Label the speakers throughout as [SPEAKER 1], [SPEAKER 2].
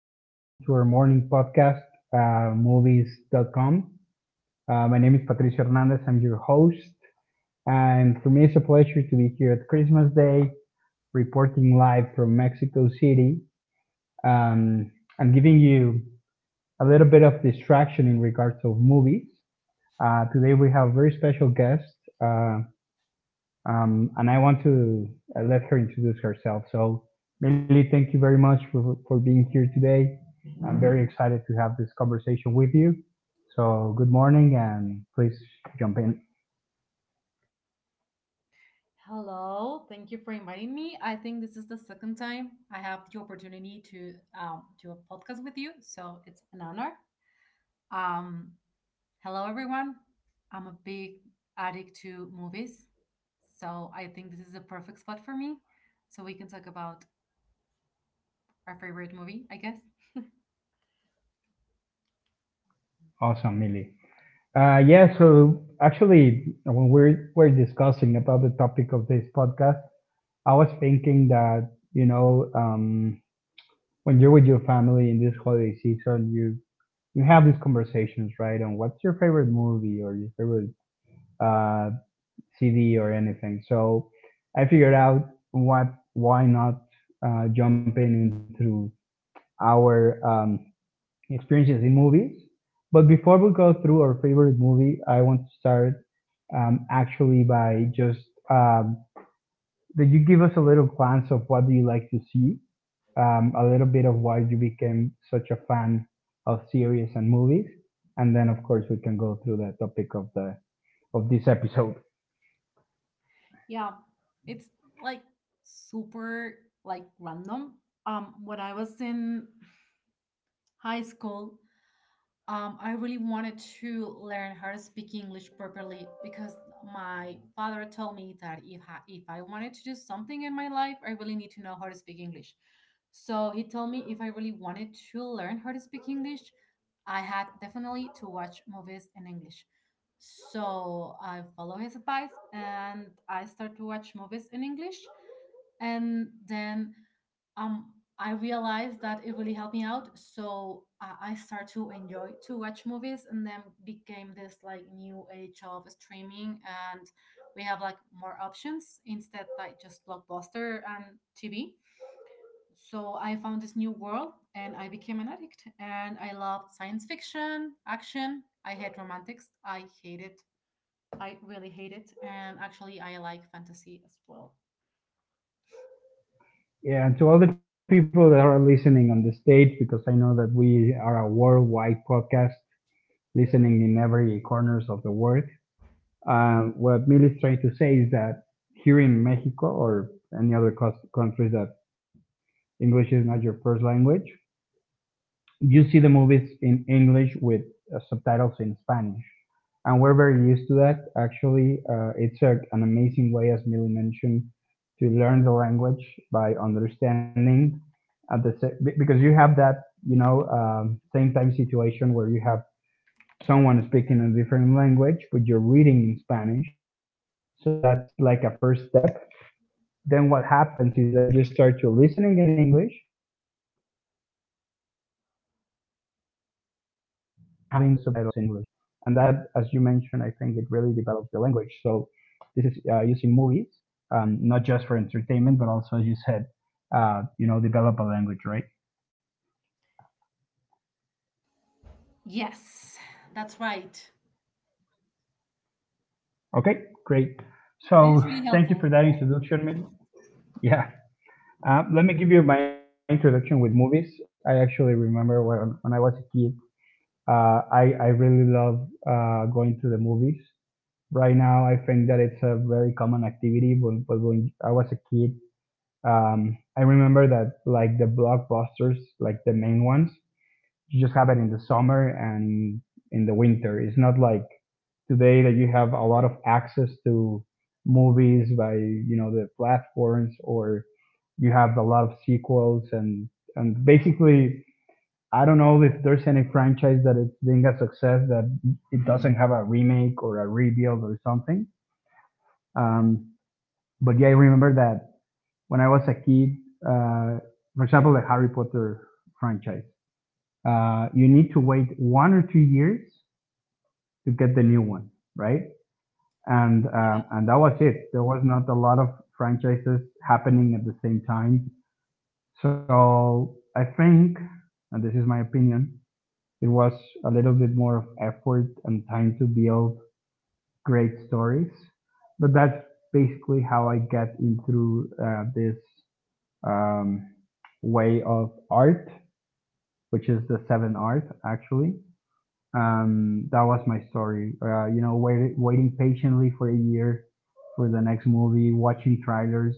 [SPEAKER 1] Welcome to our morning podcast, movies.com. My name is Patricio Hernandez. I'm your host. And for me, it's a pleasure to be here at Christmas Day, reporting live from Mexico City. Um, I'm giving you a little bit of distraction in regards of movies. Today, we have a very special guest. Uh, and I want to let her introduce herself. So, Millie, thank you very much for being here today. I'm very excited to have this conversation with you. So, good morning and please jump in.
[SPEAKER 2] Hello, thank you for inviting me. I think this is the second time I have the opportunity to do a podcast with you, so it's an honor. Um, Hello, everyone. I'm a big addict to movies, so I think this is a perfect spot for me. So we can talk about our favorite movie, I guess.
[SPEAKER 1] Awesome, Millie. Yeah, so actually, when we're discussing about the topic of this podcast, I was thinking that, when you're with your family in this holiday season, you have these conversations, right? On what's your favorite movie or your favorite uh, CD or anything. So I figured out what why not jump in into our experiences in movies. But before we go through our favorite movie, I want to start actually by just um, that you give us a little glance of what do you like to see, a little bit of why you became such a fan of series and movies, and then of course we can go through the topic of the of this episode.
[SPEAKER 2] Yeah, it's like super like random. When I was in high school, I really wanted to learn how to speak English properly because my father told me that if I wanted to do something in my life, I really need to know how to speak English. So he told me if I really wanted to learn how to speak English, I had definitely to watch movies in English. So I follow his advice and I start to watch movies in English. And then um I realized that it really helped me out, so I start to enjoy to watch movies, and then became this like new age of streaming, and we have like more options instead like just blockbuster and tv, so I found this new world and I became an addict, and I loved science fiction action. I hate romantics. I hate it. I really hate it. And actually I like fantasy as well.
[SPEAKER 1] Yeah, and to all the people that are listening on the stage, because I know that we are a worldwide podcast listening in every corners of the world. What Mil is trying to say is that here in Mexico or any other countries that English is not your first language, you see the movies in English with subtitles in Spanish, and we're very used to that. Actually, it's an amazing way, as Millie mentioned, to learn the language by understanding at the because you have that same time situation where you have someone speaking a different language, but you're reading in Spanish. So that's like a first step, then what happens is that you start to listening in English and having the subtitles in English. And that, as you mentioned, I think it really develops the language. So this is using movies, not just for entertainment, but also, as you said, to develop a language, right?
[SPEAKER 2] Yes, that's right.
[SPEAKER 1] Okay, great.
[SPEAKER 2] And it's
[SPEAKER 1] So
[SPEAKER 2] really
[SPEAKER 1] thank you
[SPEAKER 2] helpful.
[SPEAKER 1] for that introduction. Miguel. Yeah. Let me give you my introduction with movies. I actually remember when I was a kid. I really love going to the movies. Right now, I think that it's a very common activity. But when I was a kid, I remember that like the blockbusters, like the main ones, you just have it in the summer and in the winter. It's not like today that you have a lot of access to movies by the platforms, or you have a lot of sequels, and basically I don't know if there's any franchise that it's being a success that it doesn't have a remake or a rebuild or something. Um, but yeah, I remember that when I was a kid, uh, for example, the Harry Potter franchise, you need to wait 1 or 2 years to get the new one, right? And um
[SPEAKER 2] Yeah.
[SPEAKER 1] and that was it. There was not a lot of franchises happening at the same time. So I think, and this is my opinion, it was a little bit more of effort and time to build great stories. But that's basically how I get into this um, way of art, which is the seven art, actually. That was my story. Waiting patiently for a year for the next movie, watching trailers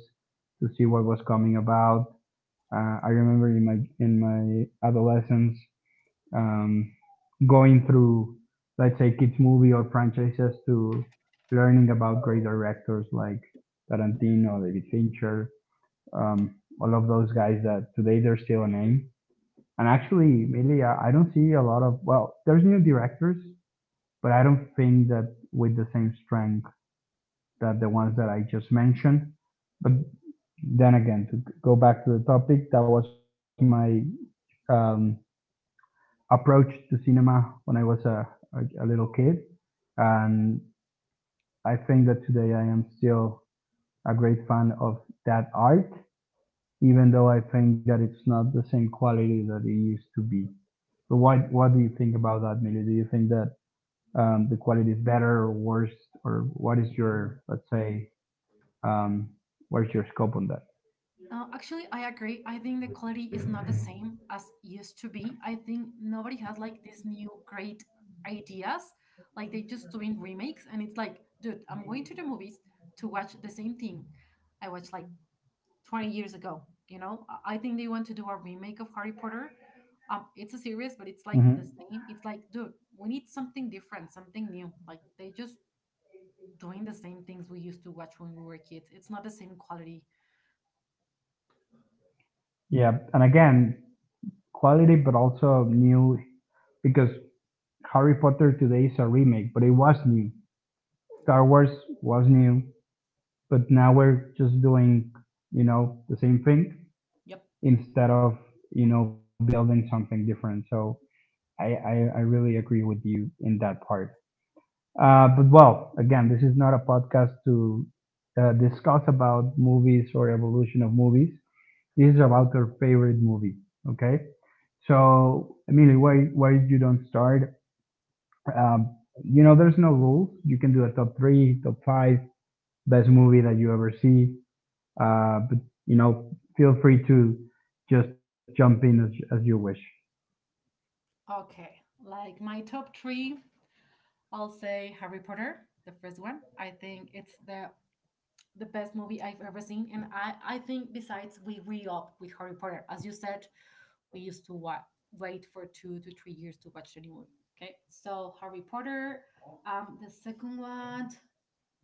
[SPEAKER 1] to see what was coming about. I remember in my adolescence, um, going through, let's say, kids movie or franchises to learning about great directors like Tarantino, David Fincher, all of those guys that today they're still a name. And actually, really, I don't see a lot of, well, there's new directors, but I don't think that with the same strength that the ones that I just mentioned. But then again, to go back to the topic, that was my um, approach to cinema when I was a little kid. And I think that today I am still a great fan of that art, even though I think that it's not the same quality that it used to be. But what do you think about that, Millie? Do you think that the quality is better or worse, or what is your, let's say, um, where's your scope on that?
[SPEAKER 2] Actually, I agree. I think the quality is not the same as used to be. I think nobody has like these new great ideas. Like they just doing remakes, and it's like, dude, I'm going to the movies to watch the same thing I watched like 20 years ago. You know, I think they want to do a remake of Harry Potter. It's a series, but it's like
[SPEAKER 1] Hmm.
[SPEAKER 2] the same. It's like, dude, we need something different, something new. Like they just doing the same things we used to watch when we were kids. It's not the same quality.
[SPEAKER 1] Yeah, and again, quality, but also new, because Harry Potter today is a remake, but it was new. Star Wars was new. But now we're just doing the same thing
[SPEAKER 2] Yep.
[SPEAKER 1] instead of building something different. So I really agree with you in that part. But well, again, this is not a podcast to discuss about movies or evolution of movies. This is about our favorite movie. Okay, so Emilio, why you don't start, um, there's no rules. You can do a top three, top five best movie that you ever see. But you know, feel free to just jump in as you wish.
[SPEAKER 2] Okay, like my top three, I'll say Harry Potter, the first one. I think it's the best movie I've ever seen, and I think besides we re up with Harry Potter, as you said, we used to wait for 2 to 3 years to watch the new movie. Okay, so Harry Potter. The second one,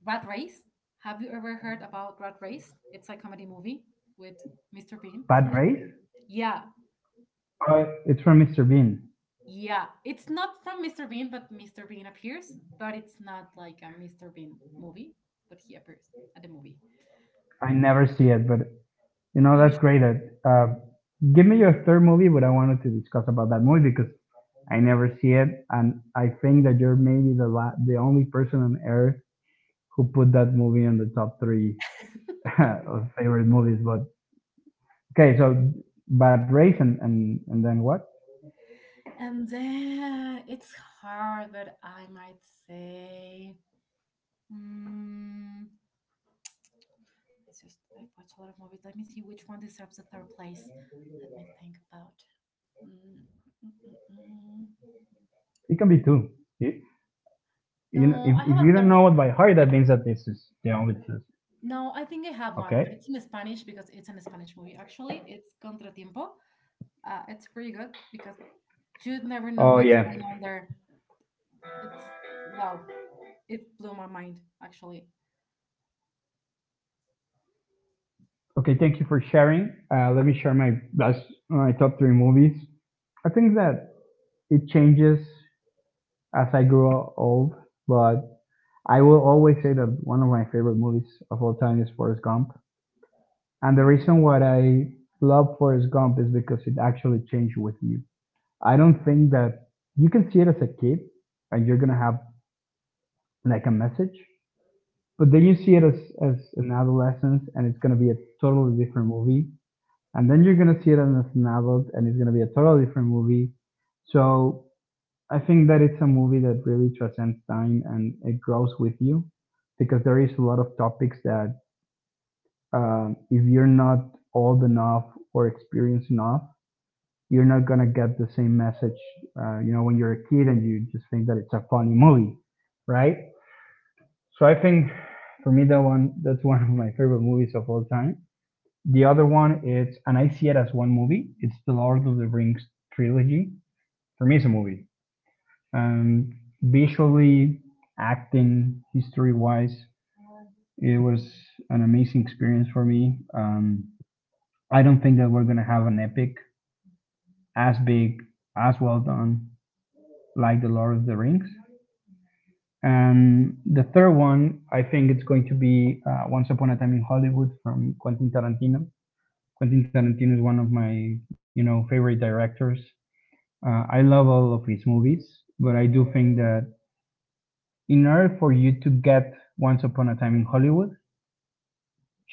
[SPEAKER 2] Rat Race. Have you ever heard about Rat Race? It's a comedy movie with Mr. Bean.
[SPEAKER 1] Bad race?
[SPEAKER 2] Yeah,
[SPEAKER 1] It's from Mr. Bean.
[SPEAKER 2] yeah, it's not from Mr. Bean, but Mr. Bean appears, but it's not like a Mr. Bean movie, but he appears at the movie.
[SPEAKER 1] I never see it, but you know that's
[SPEAKER 2] Usu-
[SPEAKER 1] great. Uh, Give me your third movie, but I wanted to discuss about that movie because I never see it, and I think that you're maybe the the only person on earth who put that movie on the top three of favorite movies. But okay, so Bad Race, and then what?
[SPEAKER 2] And then it's hard, but I might say, mm, it's just I've watched a lot of movies. Let me see which one deserves the third place. Let me think about. Mm, mm, mm,
[SPEAKER 1] It can
[SPEAKER 2] mm.
[SPEAKER 1] be two. It, You know, if you don't know it
[SPEAKER 2] No,
[SPEAKER 1] by
[SPEAKER 2] I have a
[SPEAKER 1] heart, that
[SPEAKER 2] third
[SPEAKER 1] means
[SPEAKER 2] one.
[SPEAKER 1] that this is the only truth.
[SPEAKER 2] No, I think I
[SPEAKER 1] Okay.
[SPEAKER 2] have one, but it's in Spanish because it's an Spanish movie. Actually, it's Contratiempo. It's pretty good because you'd never know
[SPEAKER 1] Oh
[SPEAKER 2] what's
[SPEAKER 1] yeah.
[SPEAKER 2] going on there. It's, wow, it blew my mind actually.
[SPEAKER 1] Okay. Thank you for sharing. Let me share my top three movies. I think that it changes as I grow old, but I will always say that one of my favorite movies of all time is Forrest Gump. And the
[SPEAKER 2] Oh.
[SPEAKER 1] reason why I love Forrest Gump is because it actually changed with you. I don't think that you can see it as a kid and you're gonna have like a message, but then you see it as an adolescence, and it's gonna be a totally different movie. And then you're gonna see it as an adult, and it's gonna be a totally different movie. So I think that it's a movie that really transcends time and it grows with you, because there is a lot of topics that, if you're not old enough or experienced enough, you're not gonna get the same message. When you're a kid and you just think that it's a funny movie, right? So I think for me that's one of my favorite movies of all time. The other one is, and I see it as one movie, it's the Lord of the Rings trilogy. For me, it's a movie. Um, Visually, acting, history-wise, it was an amazing experience for me. I don't think that we're gonna have an epic as big, as well done like the Lord of the Rings. And the third one, I think it's going to be Once Upon a Time in Hollywood from Quentin Tarantino. Quentin Tarantino is one of my favorite directors. I love all of his movies, but I do think that in order for you to get Once Upon a Time in Hollywood,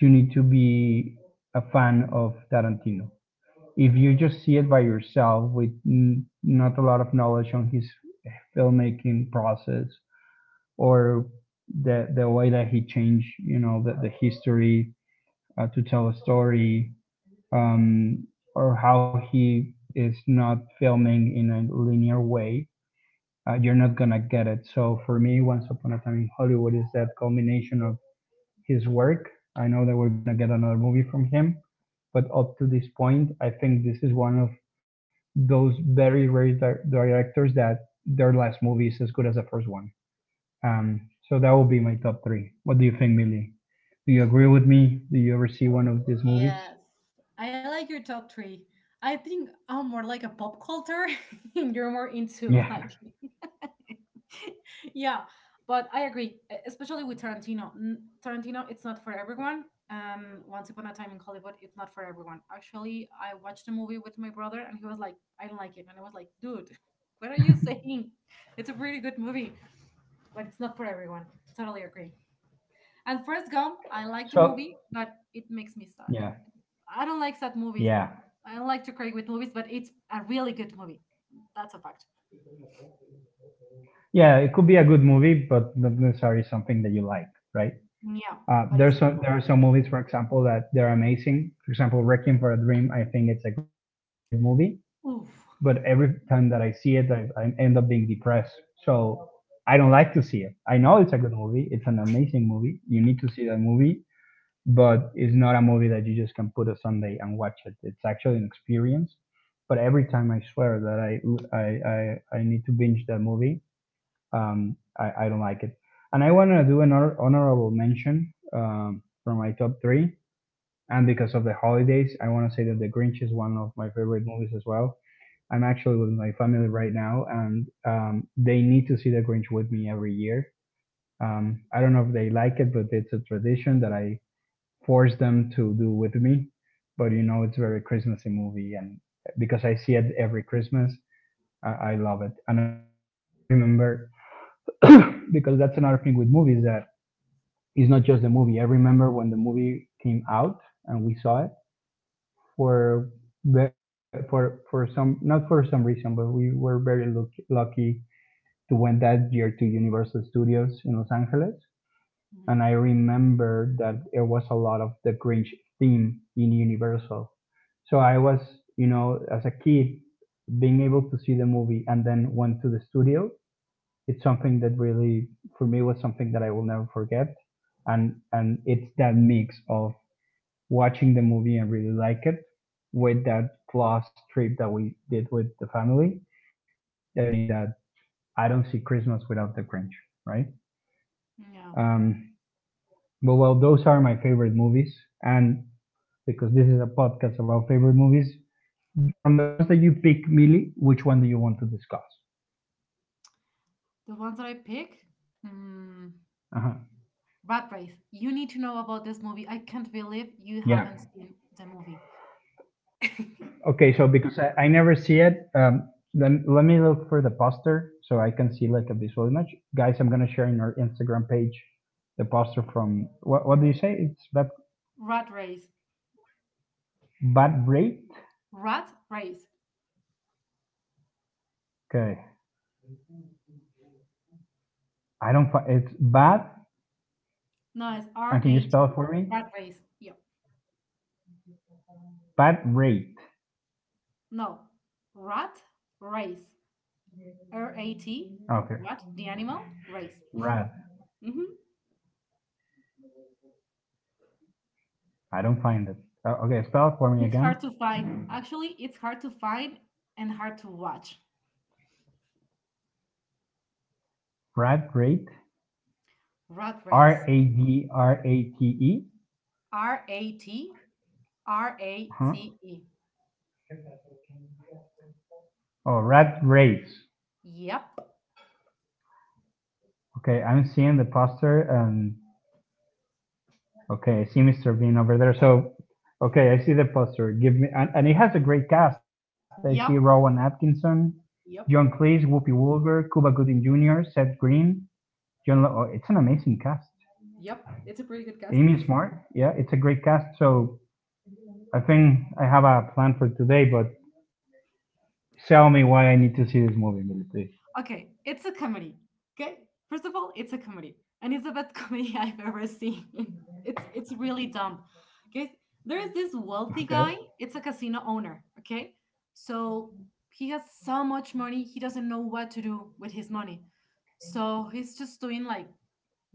[SPEAKER 1] you need to be a fan of Tarantino. If you just see it by yourself with not a lot of knowledge on his filmmaking process, or the way that he changed, the history, to tell a story, um, or how he is not filming in a linear way, you're not gonna get it. So for me, Once Upon a Time in Hollywood is that combination of his work. I know that we're gonna get another movie from him, but up to this point, I think this is one of those very rare directors that their last movie is as good as the first one. So that would be my top three. What do you think, Millie? Do you agree with me? Do you ever see one of these movies?
[SPEAKER 2] Yes, I like your top three. I think I'm more like a pop culture, and you're more into like
[SPEAKER 1] Yeah.
[SPEAKER 2] yeah, but I agree, especially with Tarantino. Tarantino, it's not for everyone. Once Upon a Time in Hollywood, it's not for everyone. Actually, I watched a movie with my brother, and he was like, "I don't like it," and I was like, "Dude, what are you saying? It's a pretty good movie, but it's not for everyone." Totally agree. And First Gump, I like the
[SPEAKER 1] So
[SPEAKER 2] movie, but it makes me sad.
[SPEAKER 1] yeah,
[SPEAKER 2] I don't like sad movies.
[SPEAKER 1] yeah.
[SPEAKER 2] I don't like to cry with movies, but it's a really good movie. That's a fact.
[SPEAKER 1] Yeah, it could be a good movie, but not necessarily something that you like, right?
[SPEAKER 2] Yeah, but it's a
[SPEAKER 1] There's
[SPEAKER 2] good
[SPEAKER 1] there are some movies, for example, that they're amazing. For example, Requiem for a Dream, I think it's a great movie,
[SPEAKER 2] one.
[SPEAKER 1] but
[SPEAKER 2] Oof.
[SPEAKER 1] every time that I see it, I end up being depressed. So I don't like to
[SPEAKER 2] Yeah.
[SPEAKER 1] see it. I know it's a good movie. It's an amazing movie. You need to see that movie, but it's not a movie that you just can put a Sunday and watch it. It's actually an experience. But every time I swear that I need to binge that movie. I don't like it. And I want to do an honorable mention for my top three. And because of the holidays, I want to say that The Grinch is one of my favorite movies as well. I'm actually with my family right now, and they need to see The Grinch with me every year. I don't know if they like it, but it's a tradition that I force them to do with me. But it's a very Christmassy movie, and because I see it every Christmas, I love it. And I remember because that's another thing with movies that it's not just the movie. I remember when the movie came out and we saw it for for some not for some reason, but we were very lucky to went that year to Universal Studios in Los Angeles.
[SPEAKER 2] Yeah. Mhm.
[SPEAKER 1] And I remember that there was a lot of the Grinch theme in Universal. So I was, as a kid, being able to see the movie and then went to the studio it's something that really for me was something that I will never forget. And it's that mix of watching the movie and really like it with that last trip that we did with the family that really made that I don't see Christmas without the Grinch, right?
[SPEAKER 2] Yeah.
[SPEAKER 1] Um, but well, those are my favorite movies, and because this is a podcast about favorite movies, from the ones that you pick, Millie, which one do you want to discuss?
[SPEAKER 2] The ones that I pick? Mm,
[SPEAKER 1] Uh-huh.
[SPEAKER 2] Rat Race. You need to know about this movie. I can't believe you
[SPEAKER 1] Yeah,
[SPEAKER 2] haven't seen the movie.
[SPEAKER 1] okay, so because I never see it, then let me look for the poster so I can see like a visual image. Guys, I'm gonna share in our Instagram page the poster from what do you say? It's bad
[SPEAKER 2] Rat Race.
[SPEAKER 1] bad rate.
[SPEAKER 2] Rat Race.
[SPEAKER 1] Okay, I don't. It's bad.
[SPEAKER 2] No, it's R
[SPEAKER 1] And can you
[SPEAKER 2] A T.
[SPEAKER 1] spell it for me?
[SPEAKER 2] Rat Race. Yeah,
[SPEAKER 1] Bad rate.
[SPEAKER 2] no. Rat Race. Rat.
[SPEAKER 1] Okay,
[SPEAKER 2] Rat, the animal, race.
[SPEAKER 1] rad.
[SPEAKER 2] Hmm.
[SPEAKER 1] I don't find it. Okay, spell it for me
[SPEAKER 2] It's
[SPEAKER 1] again.
[SPEAKER 2] hard to find. Actually, it's hard to find and hard to watch.
[SPEAKER 1] Rad rate.
[SPEAKER 2] Rat
[SPEAKER 1] R
[SPEAKER 2] Race.
[SPEAKER 1] A D R A T E.
[SPEAKER 2] R A T R A
[SPEAKER 1] Huh?
[SPEAKER 2] C E.
[SPEAKER 1] Oh, rat race.
[SPEAKER 2] Yep.
[SPEAKER 1] Okay, I'm seeing the poster and okay, I see Mr. Bean over there. So, okay, I see the poster. Give me, and it has a great cast. I see Rowan
[SPEAKER 2] Yep,
[SPEAKER 1] Atkinson, John
[SPEAKER 2] yep,
[SPEAKER 1] Cleese, Whoopi Goldberg, Cuba Gooding Jr., Seth Green, John. Oh, it's an amazing cast.
[SPEAKER 2] yep. It's a pretty good cast.
[SPEAKER 1] Amy Smart. Yeah, it's a great cast. So, I think I have a plan for today. But tell me why I need to see this movie, Billy, please.
[SPEAKER 2] Okay, it's a comedy. Okay, first of all, it's a comedy, and it's the best comedy I've ever seen. It's really dumb. Okay, there is this wealthy guy.
[SPEAKER 1] Okay.
[SPEAKER 2] It's a casino owner. Okay, so he has so much money, he doesn't know what to do with his money. So he's just doing like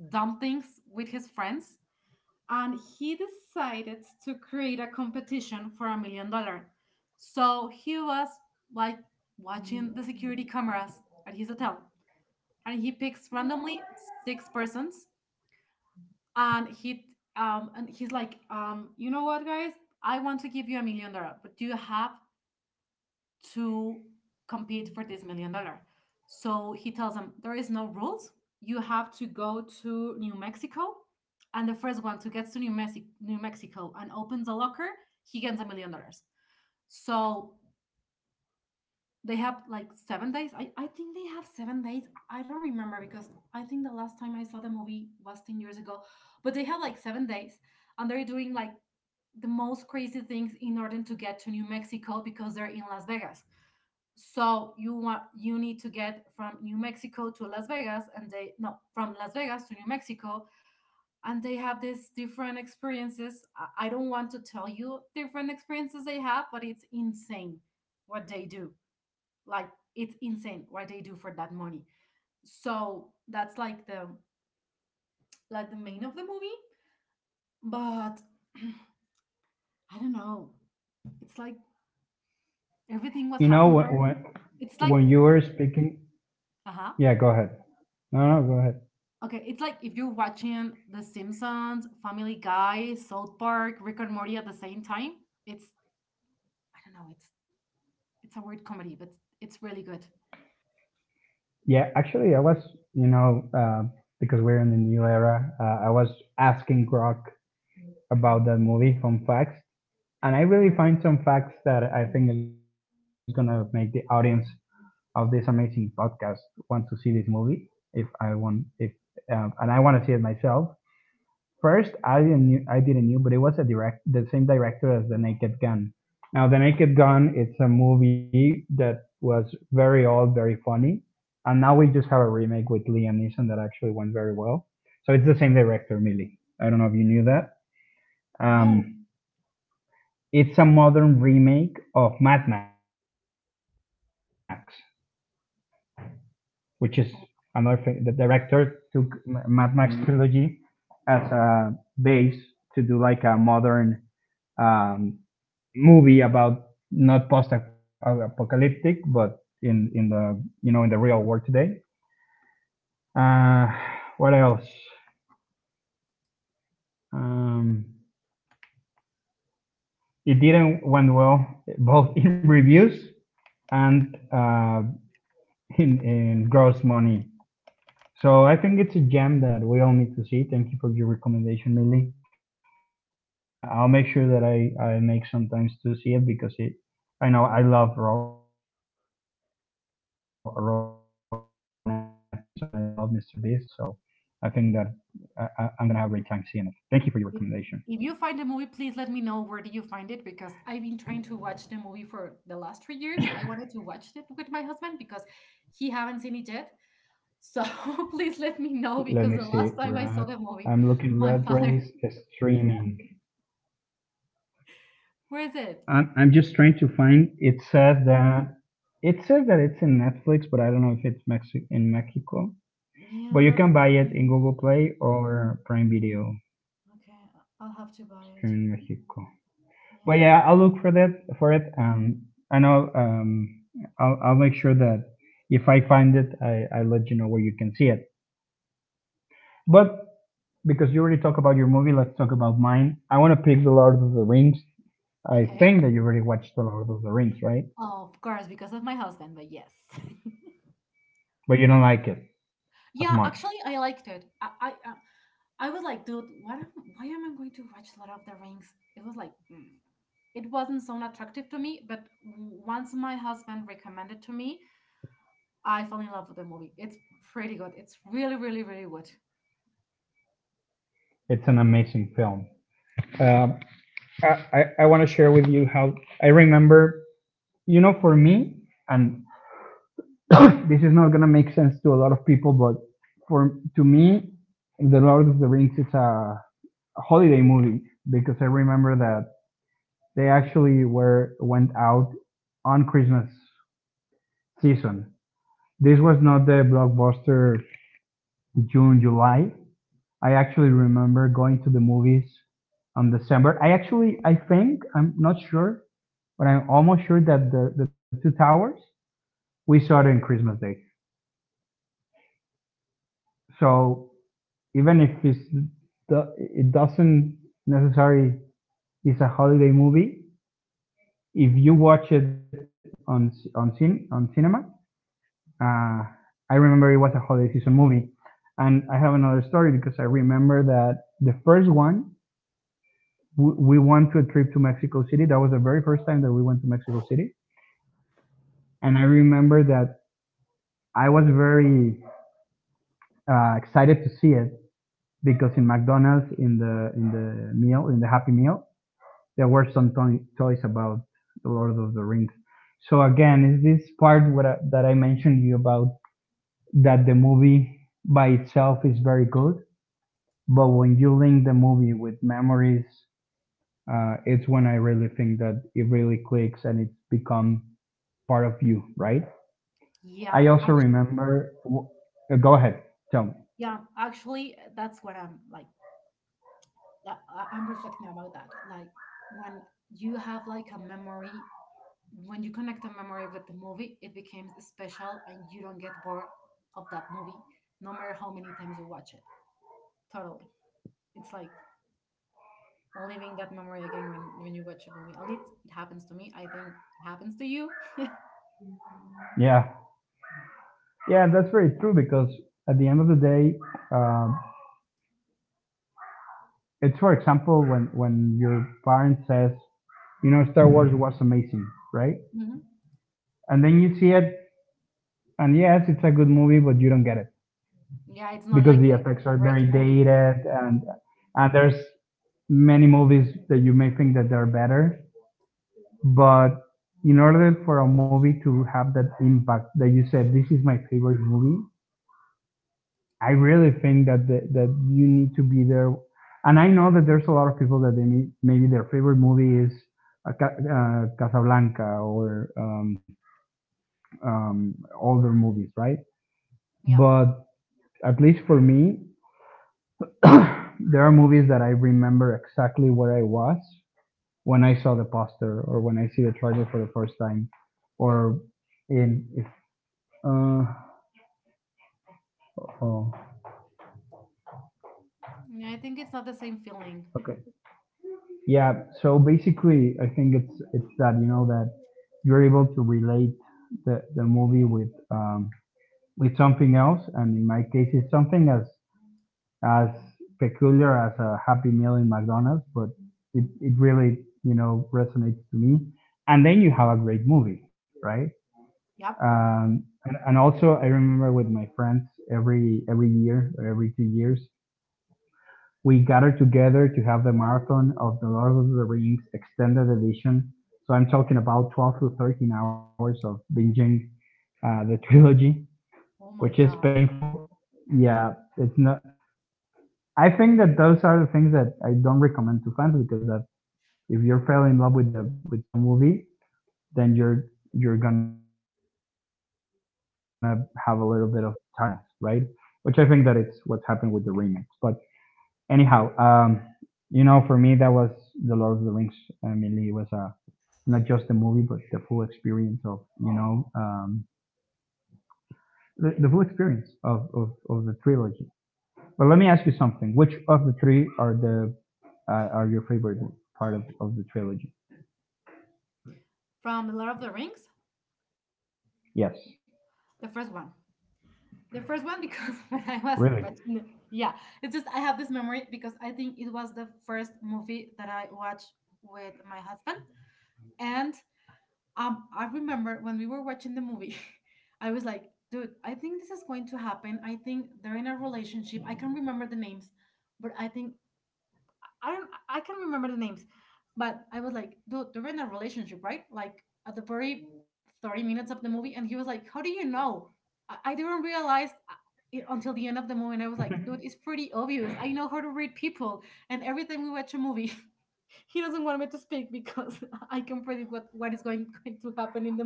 [SPEAKER 2] dumb things with his friends, and he decided to create a competition for $1 million. So he was like watching the security cameras at his hotel, and he picks randomly six persons, and he's like, you know what guys, I want to give you $1 million, but do you have to compete for this $1 million. So he tells them there is no rules. You have to go to New Mexico, and the first one to get to New Mexico and opens a locker, he gets $1 million. So they have like 7 days. I think they have 7 days. I don't remember because I think the last time I saw the movie was 10 years ago. But they have like 7 days, and they're doing like the most crazy things in order to get to New Mexico because they're in Las Vegas, so you want you need to get from New Mexico to Las Vegas, and they no from Las Vegas to New Mexico. And they have these different experiences. I don't want to tell you different experiences they have, but it's insane what they do. Like it's insane what they do for that money. So that's like the main of the movie. But I don't know. It's like everything what
[SPEAKER 1] You know
[SPEAKER 2] happens
[SPEAKER 1] when
[SPEAKER 2] there.
[SPEAKER 1] when
[SPEAKER 2] It's like.
[SPEAKER 1] when you were speaking.
[SPEAKER 2] Uh huh.
[SPEAKER 1] Yeah, go ahead. No, no, go ahead.
[SPEAKER 2] Okay, it's like if you're watching The Simpsons, Family Guy, South Park, Rick and Morty at the same time. It's, I don't know, it's a weird comedy, but it's really good.
[SPEAKER 1] Yeah, actually, I was, you know, uh, because we're in the new era, I was asking Grok about that movie, fun facts, and I really find some facts that I think is gonna make the audience of this amazing podcast want to see this movie. If I want, if and I want to see it myself. First, I didn't knew, but it was a direct the same director as The Naked Gun. Now, The Naked Gun, it's a movie that was very old, very funny, and now we just have a remake with Liam Neeson that actually went very well. So it's the same director, Millie. I don't know if you knew that. Um,
[SPEAKER 2] No.
[SPEAKER 1] it's a modern remake of Mad Max, which is another thing. The
[SPEAKER 2] Oh.
[SPEAKER 1] director took Mad Max trilogy as a base to do like a modern um, movie about not post-apocalyptic, but in the real world today. Uh, what else? Um, it didn't went well both in reviews and in gross money. So I think it's a gem that we all need to see. Thank you for your recommendation, Millie. I'll make sure that I make some times to see it because it I know I love Rowan Atkinson. I love Mr. Beast. So I think that I'm gonna have a great time seeing it. Thank you for your recommendation.
[SPEAKER 2] If, if you find the movie, please let me know where do you find it because I've been trying to watch the movie for the last 3 years. I wanted to watch it with my husband because he haven't seen it
[SPEAKER 1] Let
[SPEAKER 2] yet.
[SPEAKER 1] me see.
[SPEAKER 2] So
[SPEAKER 1] Red.
[SPEAKER 2] please
[SPEAKER 1] I'm
[SPEAKER 2] let me
[SPEAKER 1] looking
[SPEAKER 2] know
[SPEAKER 1] Red
[SPEAKER 2] because the
[SPEAKER 1] Race
[SPEAKER 2] last time I saw the movie,
[SPEAKER 1] streaming.
[SPEAKER 2] my father. Yeah.
[SPEAKER 1] I'm just trying to
[SPEAKER 2] Where is
[SPEAKER 1] find. It
[SPEAKER 2] it?
[SPEAKER 1] says that it's in Netflix, but I don't know if it's in Mexico. But you can buy it in Google
[SPEAKER 2] Yeah, that's
[SPEAKER 1] Play or Prime Video.
[SPEAKER 2] okay, will have
[SPEAKER 1] Streaming
[SPEAKER 2] to
[SPEAKER 1] in
[SPEAKER 2] buy it.
[SPEAKER 1] Mexico. But yeah, I'll look
[SPEAKER 2] Yeah.
[SPEAKER 1] for that for it. And I'll make sure that if I find it, I let you know where you can see it. But because you already talked about your movie, let's talk about mine. I want to pick The Lord of the Rings. I
[SPEAKER 2] Okay.
[SPEAKER 1] think that you already watched The Lord of the Rings, right?
[SPEAKER 2] Oh, of course, because of my husband, but yes.
[SPEAKER 1] But you don't like it as
[SPEAKER 2] Yeah,
[SPEAKER 1] much.
[SPEAKER 2] actually, I liked it. I was like, dude, why am I going to watch Lord of the Rings? It was like. It wasn't so attractive to me, but once my husband recommended to me, I fell in love with the movie. It's pretty good. It's really, really, really good.
[SPEAKER 1] It's an amazing film. Um,
[SPEAKER 2] Yep.
[SPEAKER 1] I want to share with you how I remember. You know, for me, and this is not gonna make sense to a lot of people, but for to me, The Lord of the Rings is a holiday movie because I remember that they actually were went out on Christmas season. This was not the blockbuster June July. I actually remember going to the movies on December. I think I'm not sure, but I'm almost sure that the Two Towers we saw it on Christmas Day. So even if it's it doesn't necessarily is a holiday movie. If you watch it on cinema, uh, I remember it was a holiday season movie, and I have another story because I remember that the first one we went to a trip to Mexico City. That was the very first time that we went to Mexico City, and I remember that I was very excited to see it because in McDonald's, in the meal, in the Happy Meal, there were some toys about the Lord of the Rings. So again, is this part that I mentioned to you about that the movie by itself is very good, but when you link the movie with memories, it's when I really think that it really clicks and it's become part of you, right?
[SPEAKER 2] Yeah.
[SPEAKER 1] I also
[SPEAKER 2] Actually,
[SPEAKER 1] remember. Go ahead, tell me.
[SPEAKER 2] yeah. Actually, that's what I'm like I'm reflecting about that. Like when you have like a memory, when you connect a memory with the movie, it becomes special and you don't get bored of that movie, no matter how many times you watch it. Totally. It's like living that memory again when you watch a movie. At least it happens to me. I think it happens to you.
[SPEAKER 1] Yeah, yeah, that's very true because at the end of the day, um, it's for example when your parent says, Star Wars was amazing, right?
[SPEAKER 2] Hmm.
[SPEAKER 1] And then you see it, and yes, it's a good movie, but you don't get it
[SPEAKER 2] Yeah, it's not
[SPEAKER 1] because
[SPEAKER 2] like
[SPEAKER 1] the
[SPEAKER 2] the
[SPEAKER 1] effects are
[SPEAKER 2] great
[SPEAKER 1] very
[SPEAKER 2] movie.
[SPEAKER 1] dated, and there's many movies that you may think that they're better, but in order for a movie to have that impact that you said this is my favorite movie, I really think that that you need to be there. And I know that there's a lot of people that they maybe their favorite movie is Casablanca or older movies, right? But at least for me, there are movies that I remember exactly where I was when I saw the poster or when I see the trailer for the first time, or in if uh, oh, okay. Yeah, so basically, I think it's that you know that you're able to relate the movie with something else, and in my case, it's something as peculiar as a Happy Meal in McDonald's, but it really resonates to me. And then you have a great movie, right? And also, I remember with my friends every year or every 2 years, we gathered together to have the marathon of the Lord of the Rings extended edition. So I'm talking about 12 to 13 hours of binging the trilogy, which is painful. Yeah, it's not. I think that those are the things that I don't recommend to fans because that if you're fell in love with some movie, then you're gonna have a little bit of a tiredness, right? Which I think that it's what's happened with the remakes. But anyhow, for me that was the Lord of the Rings. I mean, it was not just the movie, but the full experience of the full experience of the trilogy. But let me ask you something: Which of the three are the are your favorite part of the trilogy? Yes, really.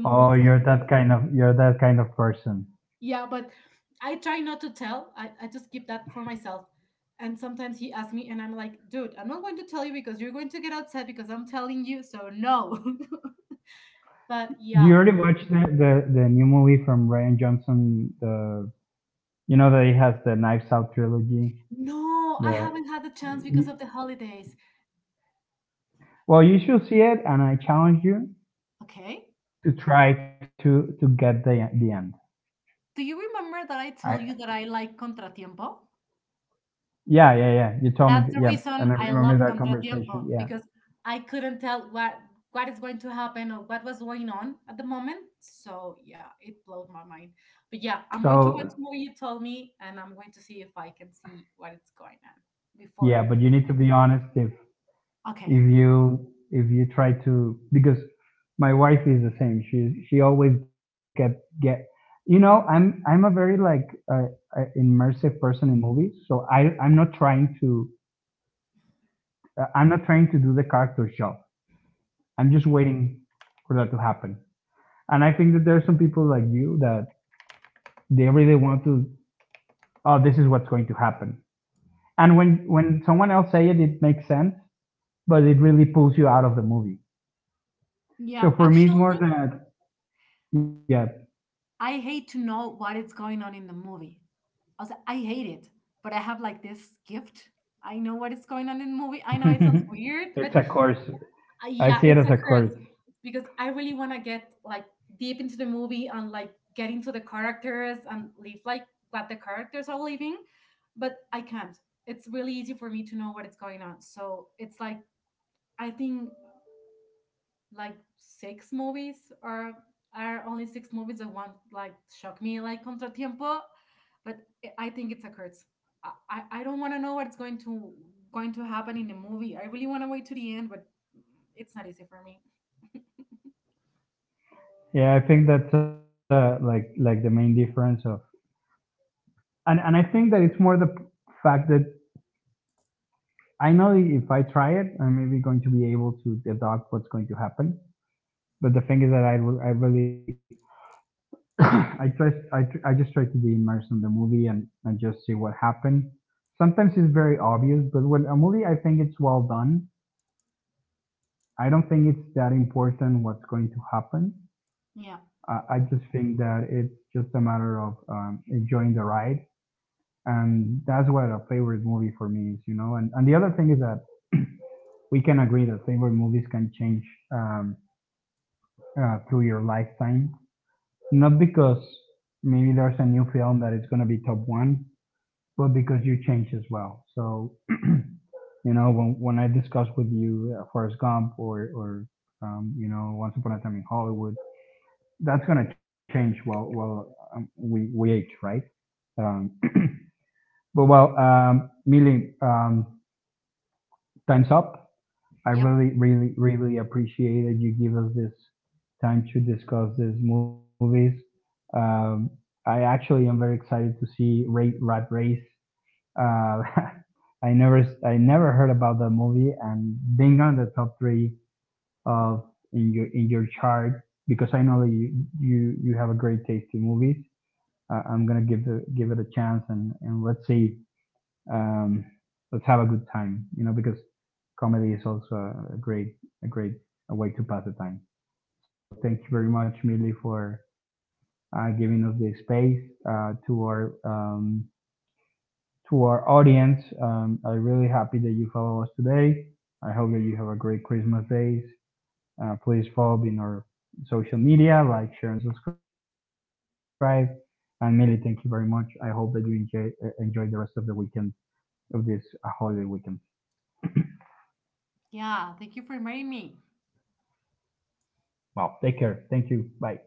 [SPEAKER 1] Oh, you're that kind of person. Do you already watch the new movie from Ryan Johnson? The You know that he has the Knives Out trilogy. The you, well, you should see it, and I challenge you to try to get the end. I yeah, yeah, yeah. You told me, yeah, and I remember that conversation. Yeah. So yeah, but you need to be honest if if you try to, because my wife is the same. She always get I'm a very like uh, immersive person in movies. So I'm not trying to I'm not trying to do the character show. I'm just waiting for that to happen. And I think that there are some people like you that they really want to, oh, this is what's going to happen. And when someone else say it, it makes sense, but it really pulls you out of the movie. So for me, it's more that, yeah, it's a course. I see it as a course. Yeah, I think that's like the main difference of, and I think that it's more the fact that I know if I try it, I'm maybe going to be able to deduct what's going to happen. But the thing is that I really, I, try, I just try to be immersed in the movie and just see what happened. Sometimes it's very obvious, but when a movie, I think it's well done. I don't think it's that important what's going to happen. I just think that it's just a matter of enjoying the ride. And that's what a favorite movie for me is, you know. And the other thing is that we can agree that favorite movies can change um, through your lifetime. Not because maybe there's a new film that it's is gonna be top one, but because you change as well. So, you know, when I discuss with you Forrest Gump or you know, Once Upon a Time in Hollywood, that's gonna change while we age, right? Um, but well, Millie, time's up. I really, really, really appreciated you give us this time to discuss these movies. Um, I actually am very excited to see Rat Race. Uh, I never, I never heard about that movie, and being on the top three of in your chart, because I know that you have a great taste in movies. I'm gonna give it a chance, and let's see um, let's have a good time, you know, because comedy is also a great a way to pass the time. So thank you very much, Milly, for giving us the space uh, to our um, to our audience. I'm really happy that you follow us today. I hope that you have a great Christmas days. Please follow in our social media, like, share, and subscribe. And Milly, thank you very much. I hope that you enjoy, enjoy the rest of the weekend of this holiday weekend. Wow. Take care. Thank you. Bye.